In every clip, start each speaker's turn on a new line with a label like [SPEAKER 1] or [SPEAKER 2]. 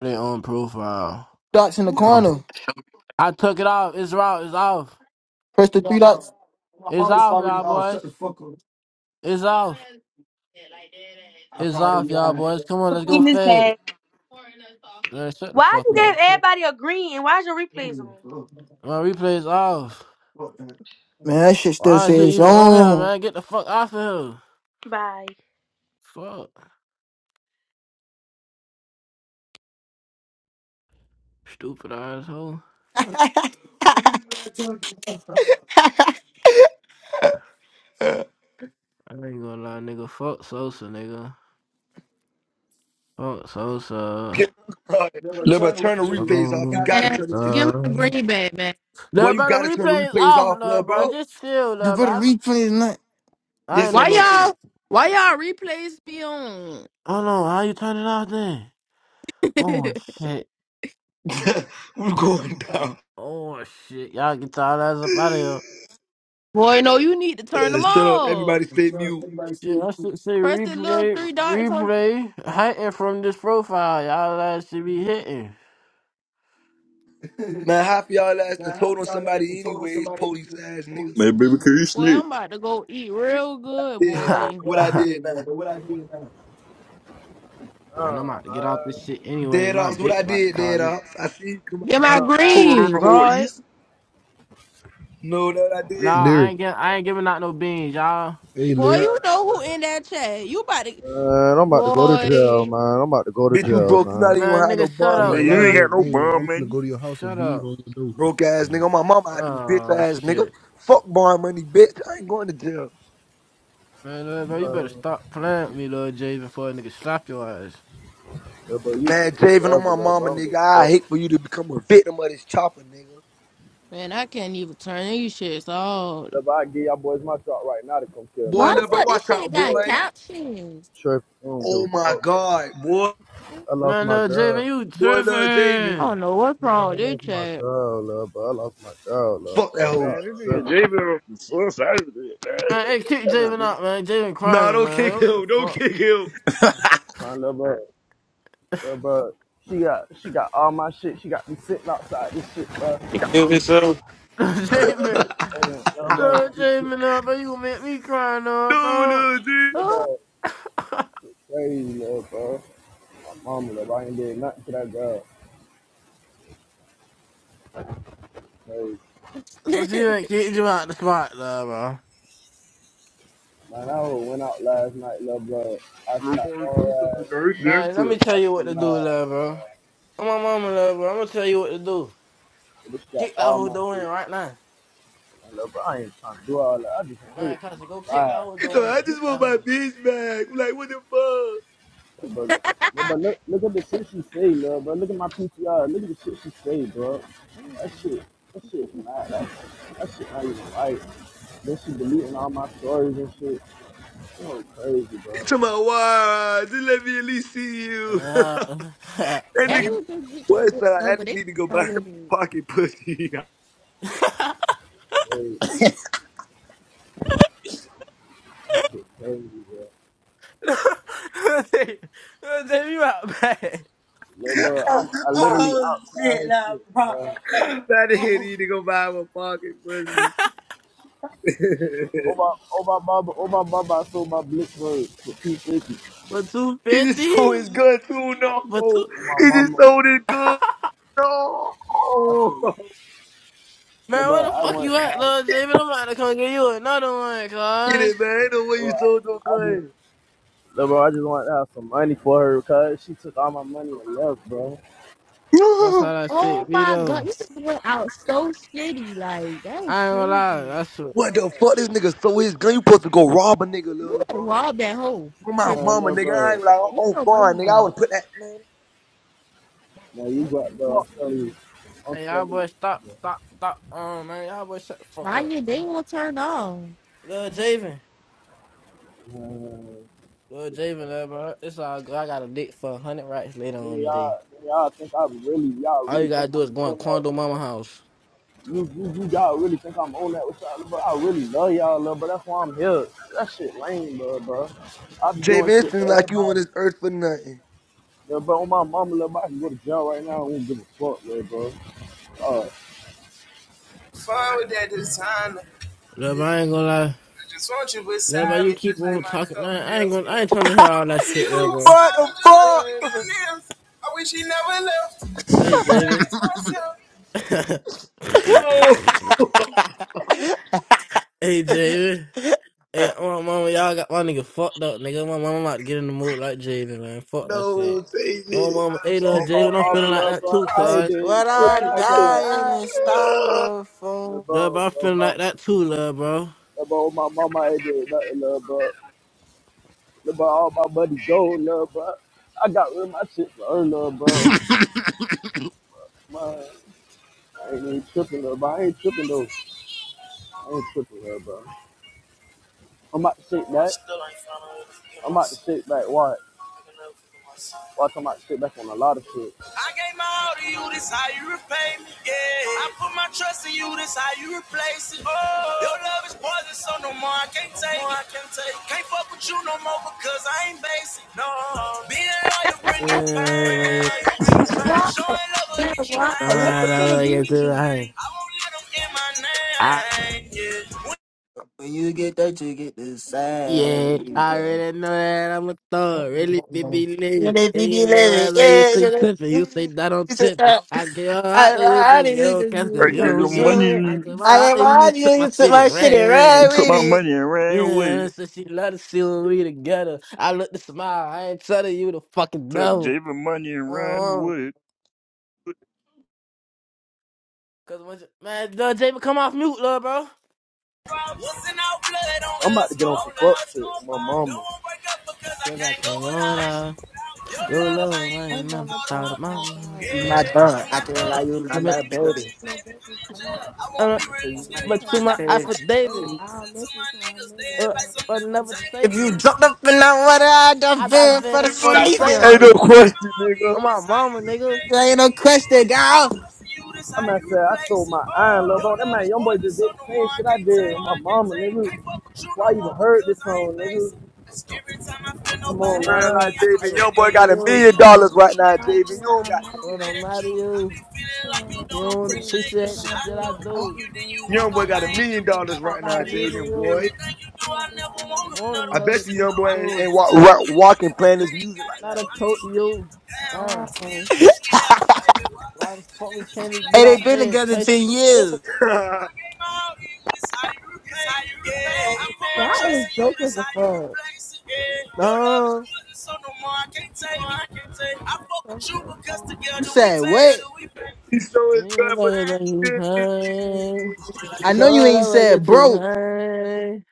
[SPEAKER 1] their own profile.
[SPEAKER 2] dots in the
[SPEAKER 1] Oh,
[SPEAKER 2] corner.
[SPEAKER 1] I took it off. It's off. It's off.
[SPEAKER 2] Press the three dots.
[SPEAKER 1] It's off, y'all boys. It's off. It's off, y'all boys. Come on,
[SPEAKER 3] The
[SPEAKER 1] let's go
[SPEAKER 3] queen is
[SPEAKER 1] fade,
[SPEAKER 3] back.
[SPEAKER 1] Man, shut the
[SPEAKER 3] Why
[SPEAKER 1] fuck
[SPEAKER 3] you gave
[SPEAKER 1] up.
[SPEAKER 3] everybody a green and why's your replays on?
[SPEAKER 1] My replay's off.
[SPEAKER 2] Man, that shit still
[SPEAKER 1] Why is you
[SPEAKER 2] says
[SPEAKER 1] even on here,
[SPEAKER 2] on.
[SPEAKER 1] man? Get the fuck off of here.
[SPEAKER 3] Bye.
[SPEAKER 1] Fuck. Stupid asshole. I ain't gonna lie, nigga. Fuck Sosa, nigga. Fuck Sosa.
[SPEAKER 4] Get bro. Look, bro, turn the replays off. You gotta
[SPEAKER 5] Man,
[SPEAKER 4] turn them shits
[SPEAKER 5] get
[SPEAKER 4] off,
[SPEAKER 1] Sosa.
[SPEAKER 5] my
[SPEAKER 4] bro. bro.
[SPEAKER 5] green bag, man.
[SPEAKER 4] Boy,
[SPEAKER 1] Lil' bro,
[SPEAKER 4] you
[SPEAKER 1] the
[SPEAKER 4] gotta turn the
[SPEAKER 1] replay is
[SPEAKER 4] replays
[SPEAKER 1] off,
[SPEAKER 4] off, lil'
[SPEAKER 1] lil' bro.
[SPEAKER 4] bro.
[SPEAKER 1] Just chill,
[SPEAKER 2] You
[SPEAKER 1] lil' bro.
[SPEAKER 2] better
[SPEAKER 1] I,
[SPEAKER 2] replay is not.
[SPEAKER 1] I
[SPEAKER 4] Yes,
[SPEAKER 1] ain't
[SPEAKER 5] Why
[SPEAKER 1] on
[SPEAKER 4] it
[SPEAKER 1] no...
[SPEAKER 5] y'all? Why y'all replays be on?
[SPEAKER 1] Hold on, how you turn it off then? Oh shit.
[SPEAKER 4] is. We're going down.
[SPEAKER 1] Oh shit. Y'all get y'all ass up out of here.
[SPEAKER 5] Boy, no, you need to turn
[SPEAKER 4] Uh,
[SPEAKER 5] them
[SPEAKER 4] shut up.
[SPEAKER 5] off.
[SPEAKER 4] Everybody stay mute.
[SPEAKER 1] Shit, I should say
[SPEAKER 5] Press the little
[SPEAKER 1] replay
[SPEAKER 5] three dots on.
[SPEAKER 1] replay hiding from this profile. Y'all ass should be hitting.
[SPEAKER 4] Man, half of y'all last and told on somebody anyways, police ass niggas.
[SPEAKER 6] Man, baby, can you
[SPEAKER 5] Boy,
[SPEAKER 6] snitch?
[SPEAKER 5] I'm about to go eat real
[SPEAKER 4] I
[SPEAKER 5] good,
[SPEAKER 4] did, lil'
[SPEAKER 5] boy.
[SPEAKER 4] bro. What I did now.
[SPEAKER 1] Man, I'm about to get out this shit anyways.
[SPEAKER 4] Dead
[SPEAKER 1] My
[SPEAKER 4] ops, what I
[SPEAKER 1] bitch about to
[SPEAKER 4] did,
[SPEAKER 1] call
[SPEAKER 4] dead
[SPEAKER 1] me.
[SPEAKER 4] ops. I see you come
[SPEAKER 5] Get
[SPEAKER 4] out
[SPEAKER 5] my
[SPEAKER 4] mute, five.
[SPEAKER 6] Tore it on
[SPEAKER 5] green,
[SPEAKER 6] the whole
[SPEAKER 5] right?
[SPEAKER 6] East.
[SPEAKER 4] No, that what I did.
[SPEAKER 1] Nah, I
[SPEAKER 7] Lyric.
[SPEAKER 1] ain't get I ain't giving out no beans, y'all.
[SPEAKER 7] Hey,
[SPEAKER 5] Boy,
[SPEAKER 7] Lyric.
[SPEAKER 5] you know who in that chat? You about to,
[SPEAKER 8] Man, I'm about to go to jail,
[SPEAKER 5] boy.
[SPEAKER 8] man. I'm about to go to
[SPEAKER 4] Bitch, you
[SPEAKER 8] jail,
[SPEAKER 4] broke. You not
[SPEAKER 8] man.
[SPEAKER 4] even
[SPEAKER 1] Man,
[SPEAKER 4] gonna have no
[SPEAKER 1] nigga, shut
[SPEAKER 7] I
[SPEAKER 4] bond
[SPEAKER 7] ain't
[SPEAKER 1] up,
[SPEAKER 6] Nigga,
[SPEAKER 7] gonna
[SPEAKER 4] money.
[SPEAKER 7] lie,
[SPEAKER 6] you ain't
[SPEAKER 1] nigga.
[SPEAKER 6] got
[SPEAKER 7] Lyric. I
[SPEAKER 6] no
[SPEAKER 7] ain't gonna lie.
[SPEAKER 6] bomb
[SPEAKER 7] I'm finna
[SPEAKER 6] money.
[SPEAKER 7] go to your house and
[SPEAKER 1] Shut
[SPEAKER 7] be
[SPEAKER 1] up.
[SPEAKER 7] on your door.
[SPEAKER 4] Broke ass
[SPEAKER 1] Mm.
[SPEAKER 4] nigga. My mama, I do bitch
[SPEAKER 1] Oh
[SPEAKER 4] ass nigga.
[SPEAKER 1] shit.
[SPEAKER 4] Fuck bond money, bitch. I ain't going to jail.
[SPEAKER 1] Man, uh, bro, you better
[SPEAKER 8] man
[SPEAKER 1] stop playing with me, little Javen, before a nigga slap your ass.
[SPEAKER 8] yeah, but you can
[SPEAKER 4] Man,
[SPEAKER 8] do
[SPEAKER 4] Javen on
[SPEAKER 8] whatever,
[SPEAKER 4] my
[SPEAKER 8] love, but I
[SPEAKER 4] mama,
[SPEAKER 8] don't give
[SPEAKER 4] nigga.
[SPEAKER 8] a
[SPEAKER 4] I
[SPEAKER 8] fuck.
[SPEAKER 4] hate for you to become a victim of this chopper, nigga.
[SPEAKER 5] Man, I can't even turn these shits off.
[SPEAKER 8] Love, I give y'all boys my truck right now to come kill
[SPEAKER 4] Boy,
[SPEAKER 8] me,
[SPEAKER 9] Why the
[SPEAKER 8] love,
[SPEAKER 4] little
[SPEAKER 8] but
[SPEAKER 4] bro,
[SPEAKER 8] I
[SPEAKER 9] fuck
[SPEAKER 8] don't
[SPEAKER 9] this
[SPEAKER 4] watch
[SPEAKER 8] give
[SPEAKER 4] out,
[SPEAKER 9] shit
[SPEAKER 8] a
[SPEAKER 9] got
[SPEAKER 8] fuck.
[SPEAKER 4] boy.
[SPEAKER 9] captions?
[SPEAKER 8] Trip, I don't give
[SPEAKER 4] Oh
[SPEAKER 8] a
[SPEAKER 4] my
[SPEAKER 8] fuck.
[SPEAKER 4] god, boy.
[SPEAKER 8] I lost
[SPEAKER 1] Man,
[SPEAKER 8] my
[SPEAKER 1] little Javen,
[SPEAKER 8] girl.
[SPEAKER 1] you
[SPEAKER 4] Boy, little Javen.
[SPEAKER 5] I
[SPEAKER 1] tripping.
[SPEAKER 5] don't know what's
[SPEAKER 8] Love,
[SPEAKER 5] wrong with
[SPEAKER 8] I
[SPEAKER 5] this
[SPEAKER 8] lost my
[SPEAKER 5] chat.
[SPEAKER 8] girl, love, but I lost my girl, love,
[SPEAKER 4] Fuck that
[SPEAKER 8] bro.
[SPEAKER 4] hoe.
[SPEAKER 8] Y'all
[SPEAKER 6] Man, this
[SPEAKER 8] stressing,
[SPEAKER 6] nigga J been from some side of it. Man,
[SPEAKER 1] Man, hey,
[SPEAKER 6] nigga,
[SPEAKER 1] kick
[SPEAKER 6] shut up,
[SPEAKER 1] Javen
[SPEAKER 6] nigga.
[SPEAKER 1] out, man. Javen
[SPEAKER 4] Nah,
[SPEAKER 1] crying,
[SPEAKER 4] don't
[SPEAKER 1] man.
[SPEAKER 4] kick
[SPEAKER 1] What the
[SPEAKER 4] him. Don't
[SPEAKER 1] fuck?
[SPEAKER 4] kick him.
[SPEAKER 8] man, love, bro.
[SPEAKER 1] man?
[SPEAKER 8] Love, bro. She got, she got all my shit. She got me sitting outside this shit, bro.
[SPEAKER 10] You kill yourself?
[SPEAKER 8] Love, bro, that
[SPEAKER 1] Javen.
[SPEAKER 8] shit, man, love, bro.
[SPEAKER 1] No,
[SPEAKER 8] Got me
[SPEAKER 1] Javen up, bro. You gonna make me cry now,
[SPEAKER 4] No,
[SPEAKER 1] bro.
[SPEAKER 4] no, dude.
[SPEAKER 8] love, bro. Crazy, love, bro. Mama, love, I ain't did nothing to that girl. Crazy.
[SPEAKER 1] so
[SPEAKER 9] Let
[SPEAKER 1] she done kicked you out the spot, love, bro.
[SPEAKER 8] Man, I went out last night, little bro. I
[SPEAKER 6] No
[SPEAKER 8] snapped
[SPEAKER 6] more excuses,
[SPEAKER 8] all
[SPEAKER 6] nigga. You just
[SPEAKER 1] Man, let me tell
[SPEAKER 8] ass.
[SPEAKER 1] you
[SPEAKER 8] I
[SPEAKER 1] what
[SPEAKER 8] seen
[SPEAKER 1] to
[SPEAKER 8] my
[SPEAKER 1] do, love, bro. I'm my mama, love, bro. I'm gonna tell you what to do.
[SPEAKER 8] this got
[SPEAKER 1] Kick that
[SPEAKER 8] all
[SPEAKER 1] whole
[SPEAKER 8] my
[SPEAKER 1] door in
[SPEAKER 8] shit.
[SPEAKER 1] right now.
[SPEAKER 8] And little bro, I ain't trying to do all that. I just heard it
[SPEAKER 1] Man,
[SPEAKER 8] from
[SPEAKER 1] cause
[SPEAKER 8] my
[SPEAKER 1] go kick that
[SPEAKER 8] side.
[SPEAKER 1] whole
[SPEAKER 4] He told
[SPEAKER 1] door
[SPEAKER 4] me,
[SPEAKER 1] in.
[SPEAKER 4] I
[SPEAKER 1] Kick
[SPEAKER 4] just want
[SPEAKER 1] that
[SPEAKER 4] my
[SPEAKER 1] whole.
[SPEAKER 4] bitch back. I'm like, what the fuck?
[SPEAKER 8] Little bro, Little bro, look, look at the shit she say, little bro. Look at my PTR. Look at the shit she say, bro.
[SPEAKER 9] me
[SPEAKER 8] That
[SPEAKER 9] see.
[SPEAKER 8] shit, that shit, not that, that shit not even right. Then she deleting all my stories and shit. You know, crazy,
[SPEAKER 4] He
[SPEAKER 8] bro.
[SPEAKER 4] told my why? Just let me at least see you.
[SPEAKER 1] Uh,
[SPEAKER 4] that nigga,
[SPEAKER 9] Everyone just get your
[SPEAKER 4] what is
[SPEAKER 9] dick
[SPEAKER 4] that? That
[SPEAKER 9] number.
[SPEAKER 4] nigga
[SPEAKER 9] They
[SPEAKER 4] need to go
[SPEAKER 9] call
[SPEAKER 4] buy him
[SPEAKER 9] your dude.
[SPEAKER 4] a pocket pussy.
[SPEAKER 8] Crazy, crazy.
[SPEAKER 1] Javen, you out, man.
[SPEAKER 8] Little bro, I'm I literally
[SPEAKER 4] oh shit!
[SPEAKER 8] outside her shit.
[SPEAKER 4] Like, That nigga need to go buy him a pocket pussy.
[SPEAKER 8] Oh my, oh my mama, oh my mama, I sold my blick for 250
[SPEAKER 1] For
[SPEAKER 4] He just sold
[SPEAKER 1] 250?
[SPEAKER 4] his gun too. No,
[SPEAKER 8] with my
[SPEAKER 4] he just
[SPEAKER 8] mama.
[SPEAKER 4] sold his gun.
[SPEAKER 8] I
[SPEAKER 4] No,
[SPEAKER 8] said, "Look,
[SPEAKER 1] Man,
[SPEAKER 8] bro,
[SPEAKER 1] where the
[SPEAKER 8] I
[SPEAKER 1] fuck you
[SPEAKER 8] want to
[SPEAKER 1] at,
[SPEAKER 8] have,
[SPEAKER 1] lil Javen? I'm about to come get you another one,
[SPEAKER 4] get
[SPEAKER 1] cuz.
[SPEAKER 4] it, man. Ain't no way
[SPEAKER 8] bro,
[SPEAKER 4] you sold your
[SPEAKER 8] I, I just,
[SPEAKER 4] gun.
[SPEAKER 8] look, bro, I just want to have some money for her because she took all my money and left, bro.
[SPEAKER 1] That's
[SPEAKER 11] yeah.
[SPEAKER 1] how that shit
[SPEAKER 9] Oh
[SPEAKER 1] be,
[SPEAKER 9] my god,
[SPEAKER 1] though.
[SPEAKER 9] this just went out so shitty. Like that was
[SPEAKER 1] I ain't gonna lie.
[SPEAKER 9] crazy.
[SPEAKER 1] That's what.
[SPEAKER 4] What the fuck? This nigga sold his gun. You supposed to go rob a nigga,
[SPEAKER 9] You
[SPEAKER 4] little
[SPEAKER 9] better
[SPEAKER 4] bro.
[SPEAKER 9] rob that hoe.
[SPEAKER 4] For my
[SPEAKER 8] Man,
[SPEAKER 9] Tripping.
[SPEAKER 4] mama,
[SPEAKER 8] look,
[SPEAKER 4] nigga. I
[SPEAKER 8] bro,
[SPEAKER 4] ain't like
[SPEAKER 9] Get
[SPEAKER 4] on
[SPEAKER 9] your money
[SPEAKER 4] bond, nigga. I
[SPEAKER 9] back.
[SPEAKER 4] would put that man.
[SPEAKER 8] man, you
[SPEAKER 9] That's
[SPEAKER 8] got, bro, I'm
[SPEAKER 9] crazy.
[SPEAKER 4] Fuck no.
[SPEAKER 8] telling you, I'm
[SPEAKER 1] Hey, y'all
[SPEAKER 8] telling you.
[SPEAKER 1] boys, stop, stop, stop. Um, man, y'all boys, shut the fuck up,
[SPEAKER 9] Maya, they
[SPEAKER 1] man.
[SPEAKER 9] won't turn off.
[SPEAKER 1] Little Javen. Lil Javen, lil bro. It's all good. I got a dick for 100 racks later
[SPEAKER 8] Man,
[SPEAKER 1] on the day.
[SPEAKER 8] y'all, man, y'all think I really, y'all
[SPEAKER 1] All you
[SPEAKER 8] really
[SPEAKER 1] gotta
[SPEAKER 8] think
[SPEAKER 1] do
[SPEAKER 8] I'm
[SPEAKER 1] is go in
[SPEAKER 8] on that.
[SPEAKER 1] Quando Mama house.
[SPEAKER 8] You, you, you, y'all really think I'm on that with y'all, bro. I really love y'all, love, but that's why I'm here. That shit lame, bro, bro. I be
[SPEAKER 4] Jay
[SPEAKER 8] doing shit for
[SPEAKER 4] Vincent like you on
[SPEAKER 8] everybody.
[SPEAKER 4] this earth for nothing.
[SPEAKER 8] Yeah, bro, On my mama, love, I can go to jail right now. I won't give a fuck, man, bro. Oh, Fun with that designer. I
[SPEAKER 1] Lil' bro, I ain't gonna lie.
[SPEAKER 8] just want you
[SPEAKER 1] Lil' bro,
[SPEAKER 8] beside
[SPEAKER 1] you
[SPEAKER 8] me, just
[SPEAKER 1] keep on
[SPEAKER 8] like my
[SPEAKER 1] talking,
[SPEAKER 8] cup
[SPEAKER 1] man. I ain't
[SPEAKER 8] feels
[SPEAKER 1] gonna,
[SPEAKER 8] good.
[SPEAKER 1] I ain't trying to hear
[SPEAKER 8] I
[SPEAKER 1] all that
[SPEAKER 8] want to see you
[SPEAKER 1] shit, lil'
[SPEAKER 8] all
[SPEAKER 1] bro.
[SPEAKER 8] beside me, just like
[SPEAKER 2] Fuck!
[SPEAKER 8] my gun is. I wish he never left.
[SPEAKER 1] Hey,
[SPEAKER 8] I gotta
[SPEAKER 1] Javen.
[SPEAKER 8] ask myself.
[SPEAKER 4] No,
[SPEAKER 1] hey, Javen. Hey, my mama, y'all got my nigga fucked up, nigga. My mama about to get in the mood like Jaden, man. Fuck that
[SPEAKER 4] no,
[SPEAKER 1] shit.
[SPEAKER 4] Jay
[SPEAKER 1] Oh,
[SPEAKER 4] Vincent.
[SPEAKER 1] mama, hey, lil'
[SPEAKER 8] Oh,
[SPEAKER 1] Jaden, I'm
[SPEAKER 8] my
[SPEAKER 1] feeling
[SPEAKER 8] mama
[SPEAKER 1] like
[SPEAKER 8] love
[SPEAKER 1] that too,
[SPEAKER 8] her. I ain't
[SPEAKER 1] cuz.
[SPEAKER 8] did
[SPEAKER 2] When
[SPEAKER 4] What
[SPEAKER 2] I
[SPEAKER 8] shit like
[SPEAKER 4] I
[SPEAKER 8] that.
[SPEAKER 2] die in the
[SPEAKER 4] die.
[SPEAKER 8] The
[SPEAKER 2] styrofoam.
[SPEAKER 1] Lil'
[SPEAKER 8] boy,
[SPEAKER 1] bro, I'm
[SPEAKER 8] the
[SPEAKER 1] feeling
[SPEAKER 8] mama,
[SPEAKER 1] like that too, lil' bro.
[SPEAKER 8] the boy, my mama ain't did nothing, love but the ball, all my money gold, love but I got rid of my shit for her, love but man, I ain't even tripping, love but I ain't tripping though. I ain't tripping, love bro. I'm about to sit back. I'm about to sit back. Why? Why I'm about to sit back on a lot of shit? I gave my all to you, this how you repay me. Yeah. I put my trust in you, this how you replace it. Oh. Your love is poison, so no more I can't take more I Can't, take it. can't fuck with you no more because I ain't basic. No. Being loyal bring you
[SPEAKER 1] Yeah, hey, man.
[SPEAKER 8] pain.
[SPEAKER 9] Why?
[SPEAKER 8] Showing love will
[SPEAKER 9] Yeah,
[SPEAKER 8] get you
[SPEAKER 9] why?
[SPEAKER 8] high.
[SPEAKER 9] What's
[SPEAKER 1] Alright,
[SPEAKER 9] it
[SPEAKER 1] I
[SPEAKER 9] gonna
[SPEAKER 1] love
[SPEAKER 9] be?
[SPEAKER 1] get to it.
[SPEAKER 8] I won't let them in my
[SPEAKER 1] I,
[SPEAKER 8] name. Yeah.
[SPEAKER 2] When you get that, you get the
[SPEAKER 1] yeah,
[SPEAKER 2] same.
[SPEAKER 1] I
[SPEAKER 2] Yeah.
[SPEAKER 1] already know that I'm a thug, really baby
[SPEAKER 2] You
[SPEAKER 1] nigga.
[SPEAKER 2] let
[SPEAKER 1] And
[SPEAKER 2] me be
[SPEAKER 1] you know
[SPEAKER 2] living.
[SPEAKER 1] that when you
[SPEAKER 2] Yeah. You
[SPEAKER 1] say tipping, you
[SPEAKER 2] let me
[SPEAKER 1] say
[SPEAKER 2] be-
[SPEAKER 1] that on
[SPEAKER 2] you said,
[SPEAKER 1] tipping.
[SPEAKER 2] uh,
[SPEAKER 1] I get all
[SPEAKER 2] I
[SPEAKER 1] out of you,
[SPEAKER 2] I
[SPEAKER 1] 'cause you
[SPEAKER 2] didn't think
[SPEAKER 1] don't
[SPEAKER 2] it
[SPEAKER 1] catch 'cause
[SPEAKER 6] I
[SPEAKER 2] was
[SPEAKER 1] you
[SPEAKER 6] gave
[SPEAKER 2] like a
[SPEAKER 1] don't
[SPEAKER 6] your
[SPEAKER 1] get it.
[SPEAKER 2] zoo.
[SPEAKER 1] I get all
[SPEAKER 6] money.
[SPEAKER 2] I
[SPEAKER 1] out
[SPEAKER 2] let
[SPEAKER 1] of
[SPEAKER 2] my
[SPEAKER 1] you, you took my
[SPEAKER 2] audience took
[SPEAKER 1] shit and
[SPEAKER 2] my shit and
[SPEAKER 1] ran with it.
[SPEAKER 6] You
[SPEAKER 2] ran
[SPEAKER 6] took
[SPEAKER 2] with
[SPEAKER 6] my
[SPEAKER 2] it.
[SPEAKER 6] money and ran with
[SPEAKER 1] Yeah,
[SPEAKER 6] it.
[SPEAKER 1] so she love to see when we together. I look to smile. I ain't telling you the fucking
[SPEAKER 6] Took
[SPEAKER 1] devil.
[SPEAKER 6] Javen money and ran
[SPEAKER 1] Uh-uh.
[SPEAKER 6] with it.
[SPEAKER 1] Cause when you, man, uh, Javen, come off mute, love, bro.
[SPEAKER 8] I'm about to get on some fuck shit with my mama.
[SPEAKER 1] Cause I can't go it off. Your love, I
[SPEAKER 9] I
[SPEAKER 1] ain't never
[SPEAKER 9] never thought
[SPEAKER 1] thought about.
[SPEAKER 9] about
[SPEAKER 1] Mm,
[SPEAKER 9] that.
[SPEAKER 1] mm,
[SPEAKER 2] My
[SPEAKER 1] mm.
[SPEAKER 2] God, I can't lie, you my,
[SPEAKER 1] Give me-
[SPEAKER 2] my
[SPEAKER 9] I
[SPEAKER 1] Uh,
[SPEAKER 2] baby.
[SPEAKER 9] didn't know that was funny.
[SPEAKER 8] I won't
[SPEAKER 1] uh,
[SPEAKER 8] be
[SPEAKER 9] I've been
[SPEAKER 8] really
[SPEAKER 9] seeing
[SPEAKER 8] scared,
[SPEAKER 9] this
[SPEAKER 8] you
[SPEAKER 1] but
[SPEAKER 8] my
[SPEAKER 9] whole
[SPEAKER 1] to my
[SPEAKER 9] thing about I
[SPEAKER 2] If
[SPEAKER 8] affidavit.
[SPEAKER 9] can date
[SPEAKER 1] affidavit,
[SPEAKER 9] all
[SPEAKER 8] Listen to
[SPEAKER 9] niggas
[SPEAKER 8] my
[SPEAKER 9] around
[SPEAKER 8] niggas,
[SPEAKER 9] niggas
[SPEAKER 8] they
[SPEAKER 1] uh,
[SPEAKER 9] that
[SPEAKER 8] advice, I'm
[SPEAKER 1] but
[SPEAKER 9] like I'm
[SPEAKER 8] never
[SPEAKER 1] never
[SPEAKER 9] never
[SPEAKER 8] tight.
[SPEAKER 9] crazy.
[SPEAKER 2] you
[SPEAKER 1] taken.
[SPEAKER 2] jumped up in that water, I'd
[SPEAKER 1] I
[SPEAKER 2] have been for the
[SPEAKER 1] dive for the
[SPEAKER 4] Buddy,
[SPEAKER 2] savior.
[SPEAKER 4] Ain't no
[SPEAKER 1] savior.
[SPEAKER 4] question, nigga.
[SPEAKER 1] On my mama, nigga.
[SPEAKER 2] There ain't no question, girl.
[SPEAKER 8] I'm gonna say, I told my iron love on that man, young boy just did the same shit I did. My mama, nigga. why I even heard this song, nigga. Come
[SPEAKER 9] I
[SPEAKER 8] on,
[SPEAKER 4] I
[SPEAKER 9] just
[SPEAKER 4] ain't like
[SPEAKER 8] man.
[SPEAKER 1] I
[SPEAKER 4] Javen.
[SPEAKER 1] go
[SPEAKER 4] Young
[SPEAKER 1] straight
[SPEAKER 4] boy
[SPEAKER 1] to
[SPEAKER 4] got a
[SPEAKER 1] you.
[SPEAKER 4] million
[SPEAKER 9] stop,
[SPEAKER 4] dollars
[SPEAKER 9] you,
[SPEAKER 4] right
[SPEAKER 9] if
[SPEAKER 4] now, Javen. You
[SPEAKER 9] what
[SPEAKER 4] don't
[SPEAKER 9] I'm
[SPEAKER 4] got
[SPEAKER 9] not
[SPEAKER 1] I Don't matter you.
[SPEAKER 8] Oh,
[SPEAKER 9] doing,
[SPEAKER 8] like you
[SPEAKER 1] You
[SPEAKER 8] don't
[SPEAKER 9] Appreciate
[SPEAKER 1] don't
[SPEAKER 9] the
[SPEAKER 8] appreciate the
[SPEAKER 9] shit
[SPEAKER 1] appreciate the
[SPEAKER 8] shit
[SPEAKER 9] I
[SPEAKER 8] I
[SPEAKER 1] shit
[SPEAKER 8] do.
[SPEAKER 1] I
[SPEAKER 9] do, I
[SPEAKER 8] Fuck
[SPEAKER 1] do.
[SPEAKER 8] you,
[SPEAKER 9] you
[SPEAKER 8] then you
[SPEAKER 9] doing
[SPEAKER 8] walk
[SPEAKER 4] Young
[SPEAKER 9] walk
[SPEAKER 4] boy
[SPEAKER 8] off.
[SPEAKER 9] off
[SPEAKER 8] I
[SPEAKER 4] got a
[SPEAKER 8] ain't
[SPEAKER 4] million
[SPEAKER 8] never
[SPEAKER 9] and
[SPEAKER 4] dollars
[SPEAKER 8] thought
[SPEAKER 9] talk
[SPEAKER 8] about
[SPEAKER 4] right now,
[SPEAKER 1] I
[SPEAKER 9] about
[SPEAKER 8] leaving
[SPEAKER 9] leave
[SPEAKER 8] you.
[SPEAKER 1] leaving
[SPEAKER 9] the
[SPEAKER 4] Javen
[SPEAKER 9] group.
[SPEAKER 1] you.
[SPEAKER 4] boy.
[SPEAKER 8] Everything you do,
[SPEAKER 9] I
[SPEAKER 8] I never
[SPEAKER 9] I never
[SPEAKER 1] I
[SPEAKER 8] want
[SPEAKER 1] want to
[SPEAKER 4] I
[SPEAKER 8] another
[SPEAKER 1] know
[SPEAKER 4] bet
[SPEAKER 1] that
[SPEAKER 8] piece
[SPEAKER 4] you,
[SPEAKER 8] of
[SPEAKER 1] this
[SPEAKER 4] young
[SPEAKER 8] you.
[SPEAKER 4] boy,
[SPEAKER 8] My
[SPEAKER 4] ain't,
[SPEAKER 1] dude,
[SPEAKER 4] ain't
[SPEAKER 8] daddy's
[SPEAKER 4] walk,
[SPEAKER 8] to the
[SPEAKER 4] walk,
[SPEAKER 8] killing,
[SPEAKER 4] walking playing
[SPEAKER 1] I'm
[SPEAKER 4] his
[SPEAKER 8] everything
[SPEAKER 4] music
[SPEAKER 8] got
[SPEAKER 4] like
[SPEAKER 8] it
[SPEAKER 1] not a
[SPEAKER 8] told to
[SPEAKER 1] total
[SPEAKER 8] you.
[SPEAKER 1] you,
[SPEAKER 8] Damn,
[SPEAKER 1] Damn.
[SPEAKER 9] yeah.
[SPEAKER 8] still wish we had a baby. Why the
[SPEAKER 1] Why the
[SPEAKER 8] fuck we
[SPEAKER 1] fuck we
[SPEAKER 8] can't just
[SPEAKER 1] can't
[SPEAKER 8] be
[SPEAKER 1] just be
[SPEAKER 8] like
[SPEAKER 2] Hey, they
[SPEAKER 1] like,
[SPEAKER 8] Kay and
[SPEAKER 2] been
[SPEAKER 1] eh,
[SPEAKER 8] Trace?
[SPEAKER 2] together
[SPEAKER 8] They
[SPEAKER 1] Chase?
[SPEAKER 8] finna
[SPEAKER 2] ten
[SPEAKER 8] give it to
[SPEAKER 2] years.
[SPEAKER 8] you. I
[SPEAKER 4] that.
[SPEAKER 8] gave my all to you. This how you repay. This how you repay. Yeah. I put my
[SPEAKER 9] That
[SPEAKER 8] trust
[SPEAKER 9] is
[SPEAKER 8] in you.
[SPEAKER 9] dope as
[SPEAKER 8] This
[SPEAKER 9] a
[SPEAKER 8] how you
[SPEAKER 9] fuck.
[SPEAKER 8] replace it. Yeah. Your love is
[SPEAKER 1] No.
[SPEAKER 8] poison, so no more I can't take it. I fuck
[SPEAKER 9] That's
[SPEAKER 8] with you
[SPEAKER 9] so
[SPEAKER 8] because
[SPEAKER 9] cool.
[SPEAKER 2] You
[SPEAKER 8] together we
[SPEAKER 2] said what?
[SPEAKER 8] face.
[SPEAKER 4] he sold
[SPEAKER 1] Yeah,
[SPEAKER 4] his gun for
[SPEAKER 1] like, baby,
[SPEAKER 4] two
[SPEAKER 1] hey.
[SPEAKER 2] I
[SPEAKER 4] fifty.
[SPEAKER 2] know you
[SPEAKER 1] Sure,
[SPEAKER 2] ain't
[SPEAKER 1] that we get
[SPEAKER 2] said
[SPEAKER 1] too
[SPEAKER 2] broke.
[SPEAKER 1] high.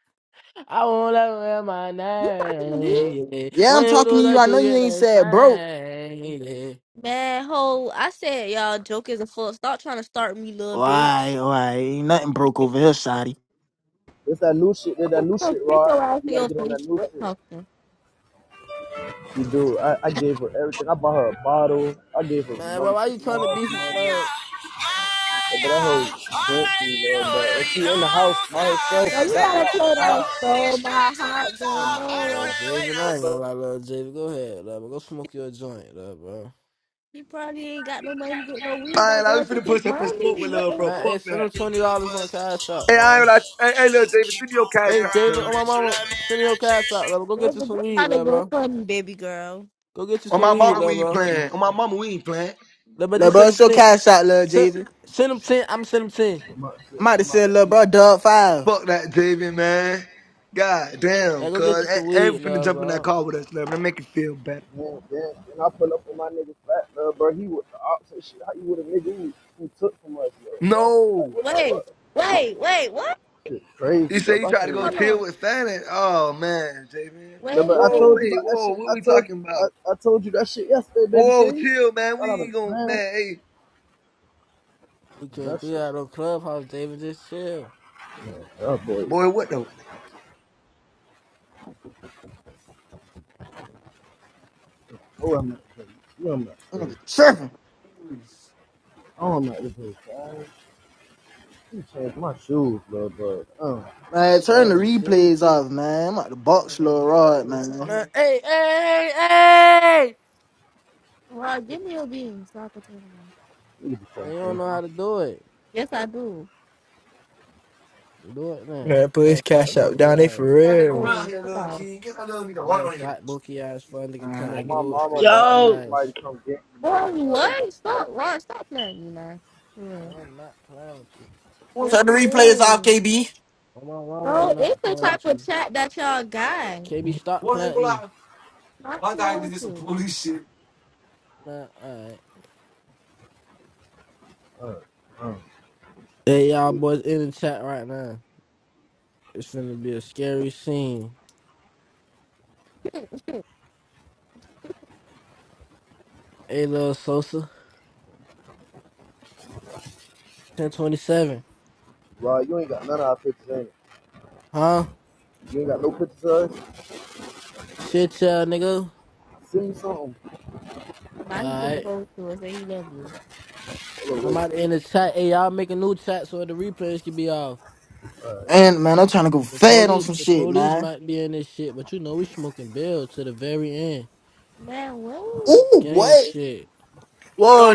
[SPEAKER 1] I won't let her wear my
[SPEAKER 9] You talking to me?
[SPEAKER 1] name. Yeah.
[SPEAKER 2] Yeah,
[SPEAKER 1] When
[SPEAKER 2] I'm
[SPEAKER 1] you
[SPEAKER 2] talking
[SPEAKER 1] do
[SPEAKER 2] to you.
[SPEAKER 1] that,
[SPEAKER 2] I know
[SPEAKER 1] you
[SPEAKER 2] you
[SPEAKER 1] get
[SPEAKER 2] ain't
[SPEAKER 1] no
[SPEAKER 2] said broke.
[SPEAKER 1] sign. Yeah.
[SPEAKER 9] Man, ho, I said y'all joke is a full. Stop trying to start me, little
[SPEAKER 2] Why?
[SPEAKER 9] bitch.
[SPEAKER 2] Why? Ain't nothing broke over here, Shotty.
[SPEAKER 8] It's that new shit. It's that
[SPEAKER 9] I'm
[SPEAKER 8] new
[SPEAKER 9] gonna come
[SPEAKER 8] shit,
[SPEAKER 9] kick
[SPEAKER 8] Rod.
[SPEAKER 9] your ass
[SPEAKER 8] You
[SPEAKER 9] in
[SPEAKER 8] gotta
[SPEAKER 9] your
[SPEAKER 8] get on that
[SPEAKER 9] face.
[SPEAKER 8] new
[SPEAKER 9] Quit
[SPEAKER 8] shit. You do. I, I gave her everything. I bought her a bottle. I gave her
[SPEAKER 1] Man, but
[SPEAKER 8] money
[SPEAKER 1] why
[SPEAKER 8] for
[SPEAKER 1] you
[SPEAKER 8] gas
[SPEAKER 1] trying to beef with
[SPEAKER 8] money. Yeah,
[SPEAKER 1] man?
[SPEAKER 8] But that whole fancy, man. But if she in the house by herself,
[SPEAKER 9] No, you
[SPEAKER 8] got me
[SPEAKER 9] gotta play that
[SPEAKER 8] outside.
[SPEAKER 9] stole my heart,
[SPEAKER 1] I
[SPEAKER 9] girl.
[SPEAKER 1] don't
[SPEAKER 9] No,
[SPEAKER 1] know,
[SPEAKER 9] it.
[SPEAKER 1] Javen. I ain't gonna lie, little Javen. Go ahead, love. Go smoke your joint, love, bro.
[SPEAKER 9] He probably ain't got no money to get no weed.
[SPEAKER 4] I
[SPEAKER 9] That
[SPEAKER 4] ain't. I
[SPEAKER 9] girl
[SPEAKER 4] was
[SPEAKER 9] took
[SPEAKER 4] finna
[SPEAKER 9] his
[SPEAKER 4] push up and smoke
[SPEAKER 9] money.
[SPEAKER 4] with
[SPEAKER 9] What
[SPEAKER 4] lil'
[SPEAKER 9] the
[SPEAKER 4] bro.
[SPEAKER 1] Man,
[SPEAKER 9] hell?
[SPEAKER 1] hey,
[SPEAKER 4] Fuck
[SPEAKER 1] send him
[SPEAKER 4] that.
[SPEAKER 1] twenty dollars on Cash App,
[SPEAKER 4] Hey, I ain't
[SPEAKER 1] man.
[SPEAKER 4] like. Hey, hey little Javen, send me your cash
[SPEAKER 1] Hey,
[SPEAKER 4] out,
[SPEAKER 1] Javen, on
[SPEAKER 4] bro.
[SPEAKER 1] my mama, send me your Cash App, love. Go get you
[SPEAKER 9] There's a
[SPEAKER 1] some
[SPEAKER 9] good
[SPEAKER 1] weed,
[SPEAKER 9] kind of
[SPEAKER 1] love,
[SPEAKER 9] go
[SPEAKER 1] bro.
[SPEAKER 9] fund, baby girl.
[SPEAKER 1] Go get you
[SPEAKER 4] On
[SPEAKER 1] some
[SPEAKER 4] my
[SPEAKER 1] weed,
[SPEAKER 4] mama,
[SPEAKER 1] love,
[SPEAKER 4] we ain't
[SPEAKER 1] bro.
[SPEAKER 4] playing. On my mama, we ain't playing.
[SPEAKER 1] Love, but
[SPEAKER 2] Lil
[SPEAKER 1] just
[SPEAKER 2] bro,
[SPEAKER 1] send him
[SPEAKER 2] show
[SPEAKER 1] ten.
[SPEAKER 2] cash out, lil
[SPEAKER 1] Send,
[SPEAKER 2] Jay-Z.
[SPEAKER 1] send him ten. I'm send him ten.
[SPEAKER 2] I'm
[SPEAKER 8] But
[SPEAKER 2] about to
[SPEAKER 8] I'm out.
[SPEAKER 2] send lil
[SPEAKER 8] I'm out.
[SPEAKER 2] bro dub five.
[SPEAKER 4] Fuck that, Javen, man. God damn,
[SPEAKER 1] Yeah, go get you
[SPEAKER 4] cuz.
[SPEAKER 1] some
[SPEAKER 4] I
[SPEAKER 1] weed,
[SPEAKER 4] ain't finna
[SPEAKER 1] love,
[SPEAKER 4] jump in that
[SPEAKER 1] bro.
[SPEAKER 4] car with us, man. Make it feel better.
[SPEAKER 8] Then, then, then I pull up on my nigga flat, bro, bro. He was the ops and shit. How you with a nigga who, who took from us, bro, bro? Like,
[SPEAKER 4] No.
[SPEAKER 8] what the
[SPEAKER 9] Wait,
[SPEAKER 8] fuck?
[SPEAKER 9] wait, wait, what?
[SPEAKER 8] Shit crazy,
[SPEAKER 4] You
[SPEAKER 8] bro.
[SPEAKER 4] say you
[SPEAKER 8] I
[SPEAKER 4] tried
[SPEAKER 8] can't
[SPEAKER 4] to go
[SPEAKER 8] even.
[SPEAKER 9] Hold
[SPEAKER 4] chill
[SPEAKER 9] on.
[SPEAKER 4] with Fannin? Oh man, J man.
[SPEAKER 8] No,
[SPEAKER 9] Wait,
[SPEAKER 8] but I
[SPEAKER 4] Whoa,
[SPEAKER 8] told you
[SPEAKER 9] wait.
[SPEAKER 4] wait,
[SPEAKER 8] about that
[SPEAKER 4] whoa,
[SPEAKER 8] shit.
[SPEAKER 4] what
[SPEAKER 8] I
[SPEAKER 4] we
[SPEAKER 8] told
[SPEAKER 4] talking about?
[SPEAKER 8] I, I told you that shit yesterday, baby
[SPEAKER 4] Whoa,
[SPEAKER 8] King.
[SPEAKER 4] chill, man.
[SPEAKER 8] Thought I
[SPEAKER 4] We
[SPEAKER 8] was
[SPEAKER 4] ain't gonna
[SPEAKER 8] mad. man.
[SPEAKER 4] man, hey,
[SPEAKER 1] You can't
[SPEAKER 8] That
[SPEAKER 1] do
[SPEAKER 8] shit.
[SPEAKER 1] that on Clubhouse, Javen. Just chill.
[SPEAKER 8] That boy.
[SPEAKER 4] boy, what the
[SPEAKER 8] Oh, I'm not crazy. You I'm not crazy.
[SPEAKER 2] Mm, Tripping.
[SPEAKER 8] Oh, I'm not this way, guys. You changed my shoes, bro, bro. Uh,
[SPEAKER 2] Man, turn the
[SPEAKER 1] Oh shit, we
[SPEAKER 2] replays
[SPEAKER 1] too.
[SPEAKER 2] off, man. I'm about to box lil rod, man.
[SPEAKER 1] Man, hey, hey, hey, hey.
[SPEAKER 9] Ron, give
[SPEAKER 8] nigga,
[SPEAKER 9] me your beans so I can turn them off.
[SPEAKER 8] nigga, be trying
[SPEAKER 1] Man,
[SPEAKER 8] to
[SPEAKER 1] you don't
[SPEAKER 8] change
[SPEAKER 1] know
[SPEAKER 8] my
[SPEAKER 1] how to do it.
[SPEAKER 9] Yes, I do.
[SPEAKER 1] Do it now.
[SPEAKER 12] Man, put
[SPEAKER 1] Oh,
[SPEAKER 12] his
[SPEAKER 1] fat
[SPEAKER 8] shoes.
[SPEAKER 12] cash out
[SPEAKER 1] bookie
[SPEAKER 12] down there
[SPEAKER 1] ass.
[SPEAKER 12] for real.
[SPEAKER 9] Hey, come on.
[SPEAKER 1] Man, fat bookie ass. For a nigga come
[SPEAKER 8] Oh,
[SPEAKER 1] on
[SPEAKER 8] my
[SPEAKER 1] Gold
[SPEAKER 8] mama,
[SPEAKER 1] Street and
[SPEAKER 8] boy.
[SPEAKER 1] eat
[SPEAKER 8] I
[SPEAKER 1] that
[SPEAKER 8] need
[SPEAKER 13] Yo,
[SPEAKER 8] somebody
[SPEAKER 1] ass.
[SPEAKER 8] to come get me,
[SPEAKER 9] Boy,
[SPEAKER 8] man,
[SPEAKER 9] what? Stop, Ron, stop playing, you know. For
[SPEAKER 1] Man,
[SPEAKER 9] real.
[SPEAKER 1] I'm not playing with you.
[SPEAKER 9] Yes,
[SPEAKER 2] Turn the
[SPEAKER 9] it
[SPEAKER 2] replays off,
[SPEAKER 9] is.
[SPEAKER 2] KB.
[SPEAKER 1] I'm, I'm,
[SPEAKER 9] Bro, it's
[SPEAKER 1] not
[SPEAKER 9] the
[SPEAKER 1] playing
[SPEAKER 9] type
[SPEAKER 1] with
[SPEAKER 9] of
[SPEAKER 1] you.
[SPEAKER 9] chat that y'all got.
[SPEAKER 1] KB, stop playing me.
[SPEAKER 9] Not playing with you.
[SPEAKER 1] Nah, alright.
[SPEAKER 8] bro. Uh, uh.
[SPEAKER 1] Hey, y'all
[SPEAKER 8] It,
[SPEAKER 1] boys in the chat right now. It's finna be a scary scene. Hey, lil Sosa. 1027.
[SPEAKER 8] Rod, you ain't got none of our pictures, ain't it?
[SPEAKER 1] Huh?
[SPEAKER 8] You ain't got no pictures of us?
[SPEAKER 1] Shit, y'all, nigga.
[SPEAKER 8] Send me something.
[SPEAKER 9] mike gonna
[SPEAKER 1] Alright.
[SPEAKER 9] go to us and he loves you.
[SPEAKER 8] Hold on, wait.
[SPEAKER 1] I'm out in the chat. Hey, y'all make a new chat so the replays can be off.
[SPEAKER 2] And man, I'm trying to go
[SPEAKER 1] The
[SPEAKER 2] fed on
[SPEAKER 1] police,
[SPEAKER 2] some
[SPEAKER 1] the
[SPEAKER 2] shit,
[SPEAKER 1] police
[SPEAKER 2] man.
[SPEAKER 1] might be in this shit, but you know we smoking bail to the very end.
[SPEAKER 9] Man, wait.
[SPEAKER 2] Ooh,
[SPEAKER 1] Gang
[SPEAKER 2] what?
[SPEAKER 1] shit.
[SPEAKER 2] Whoa.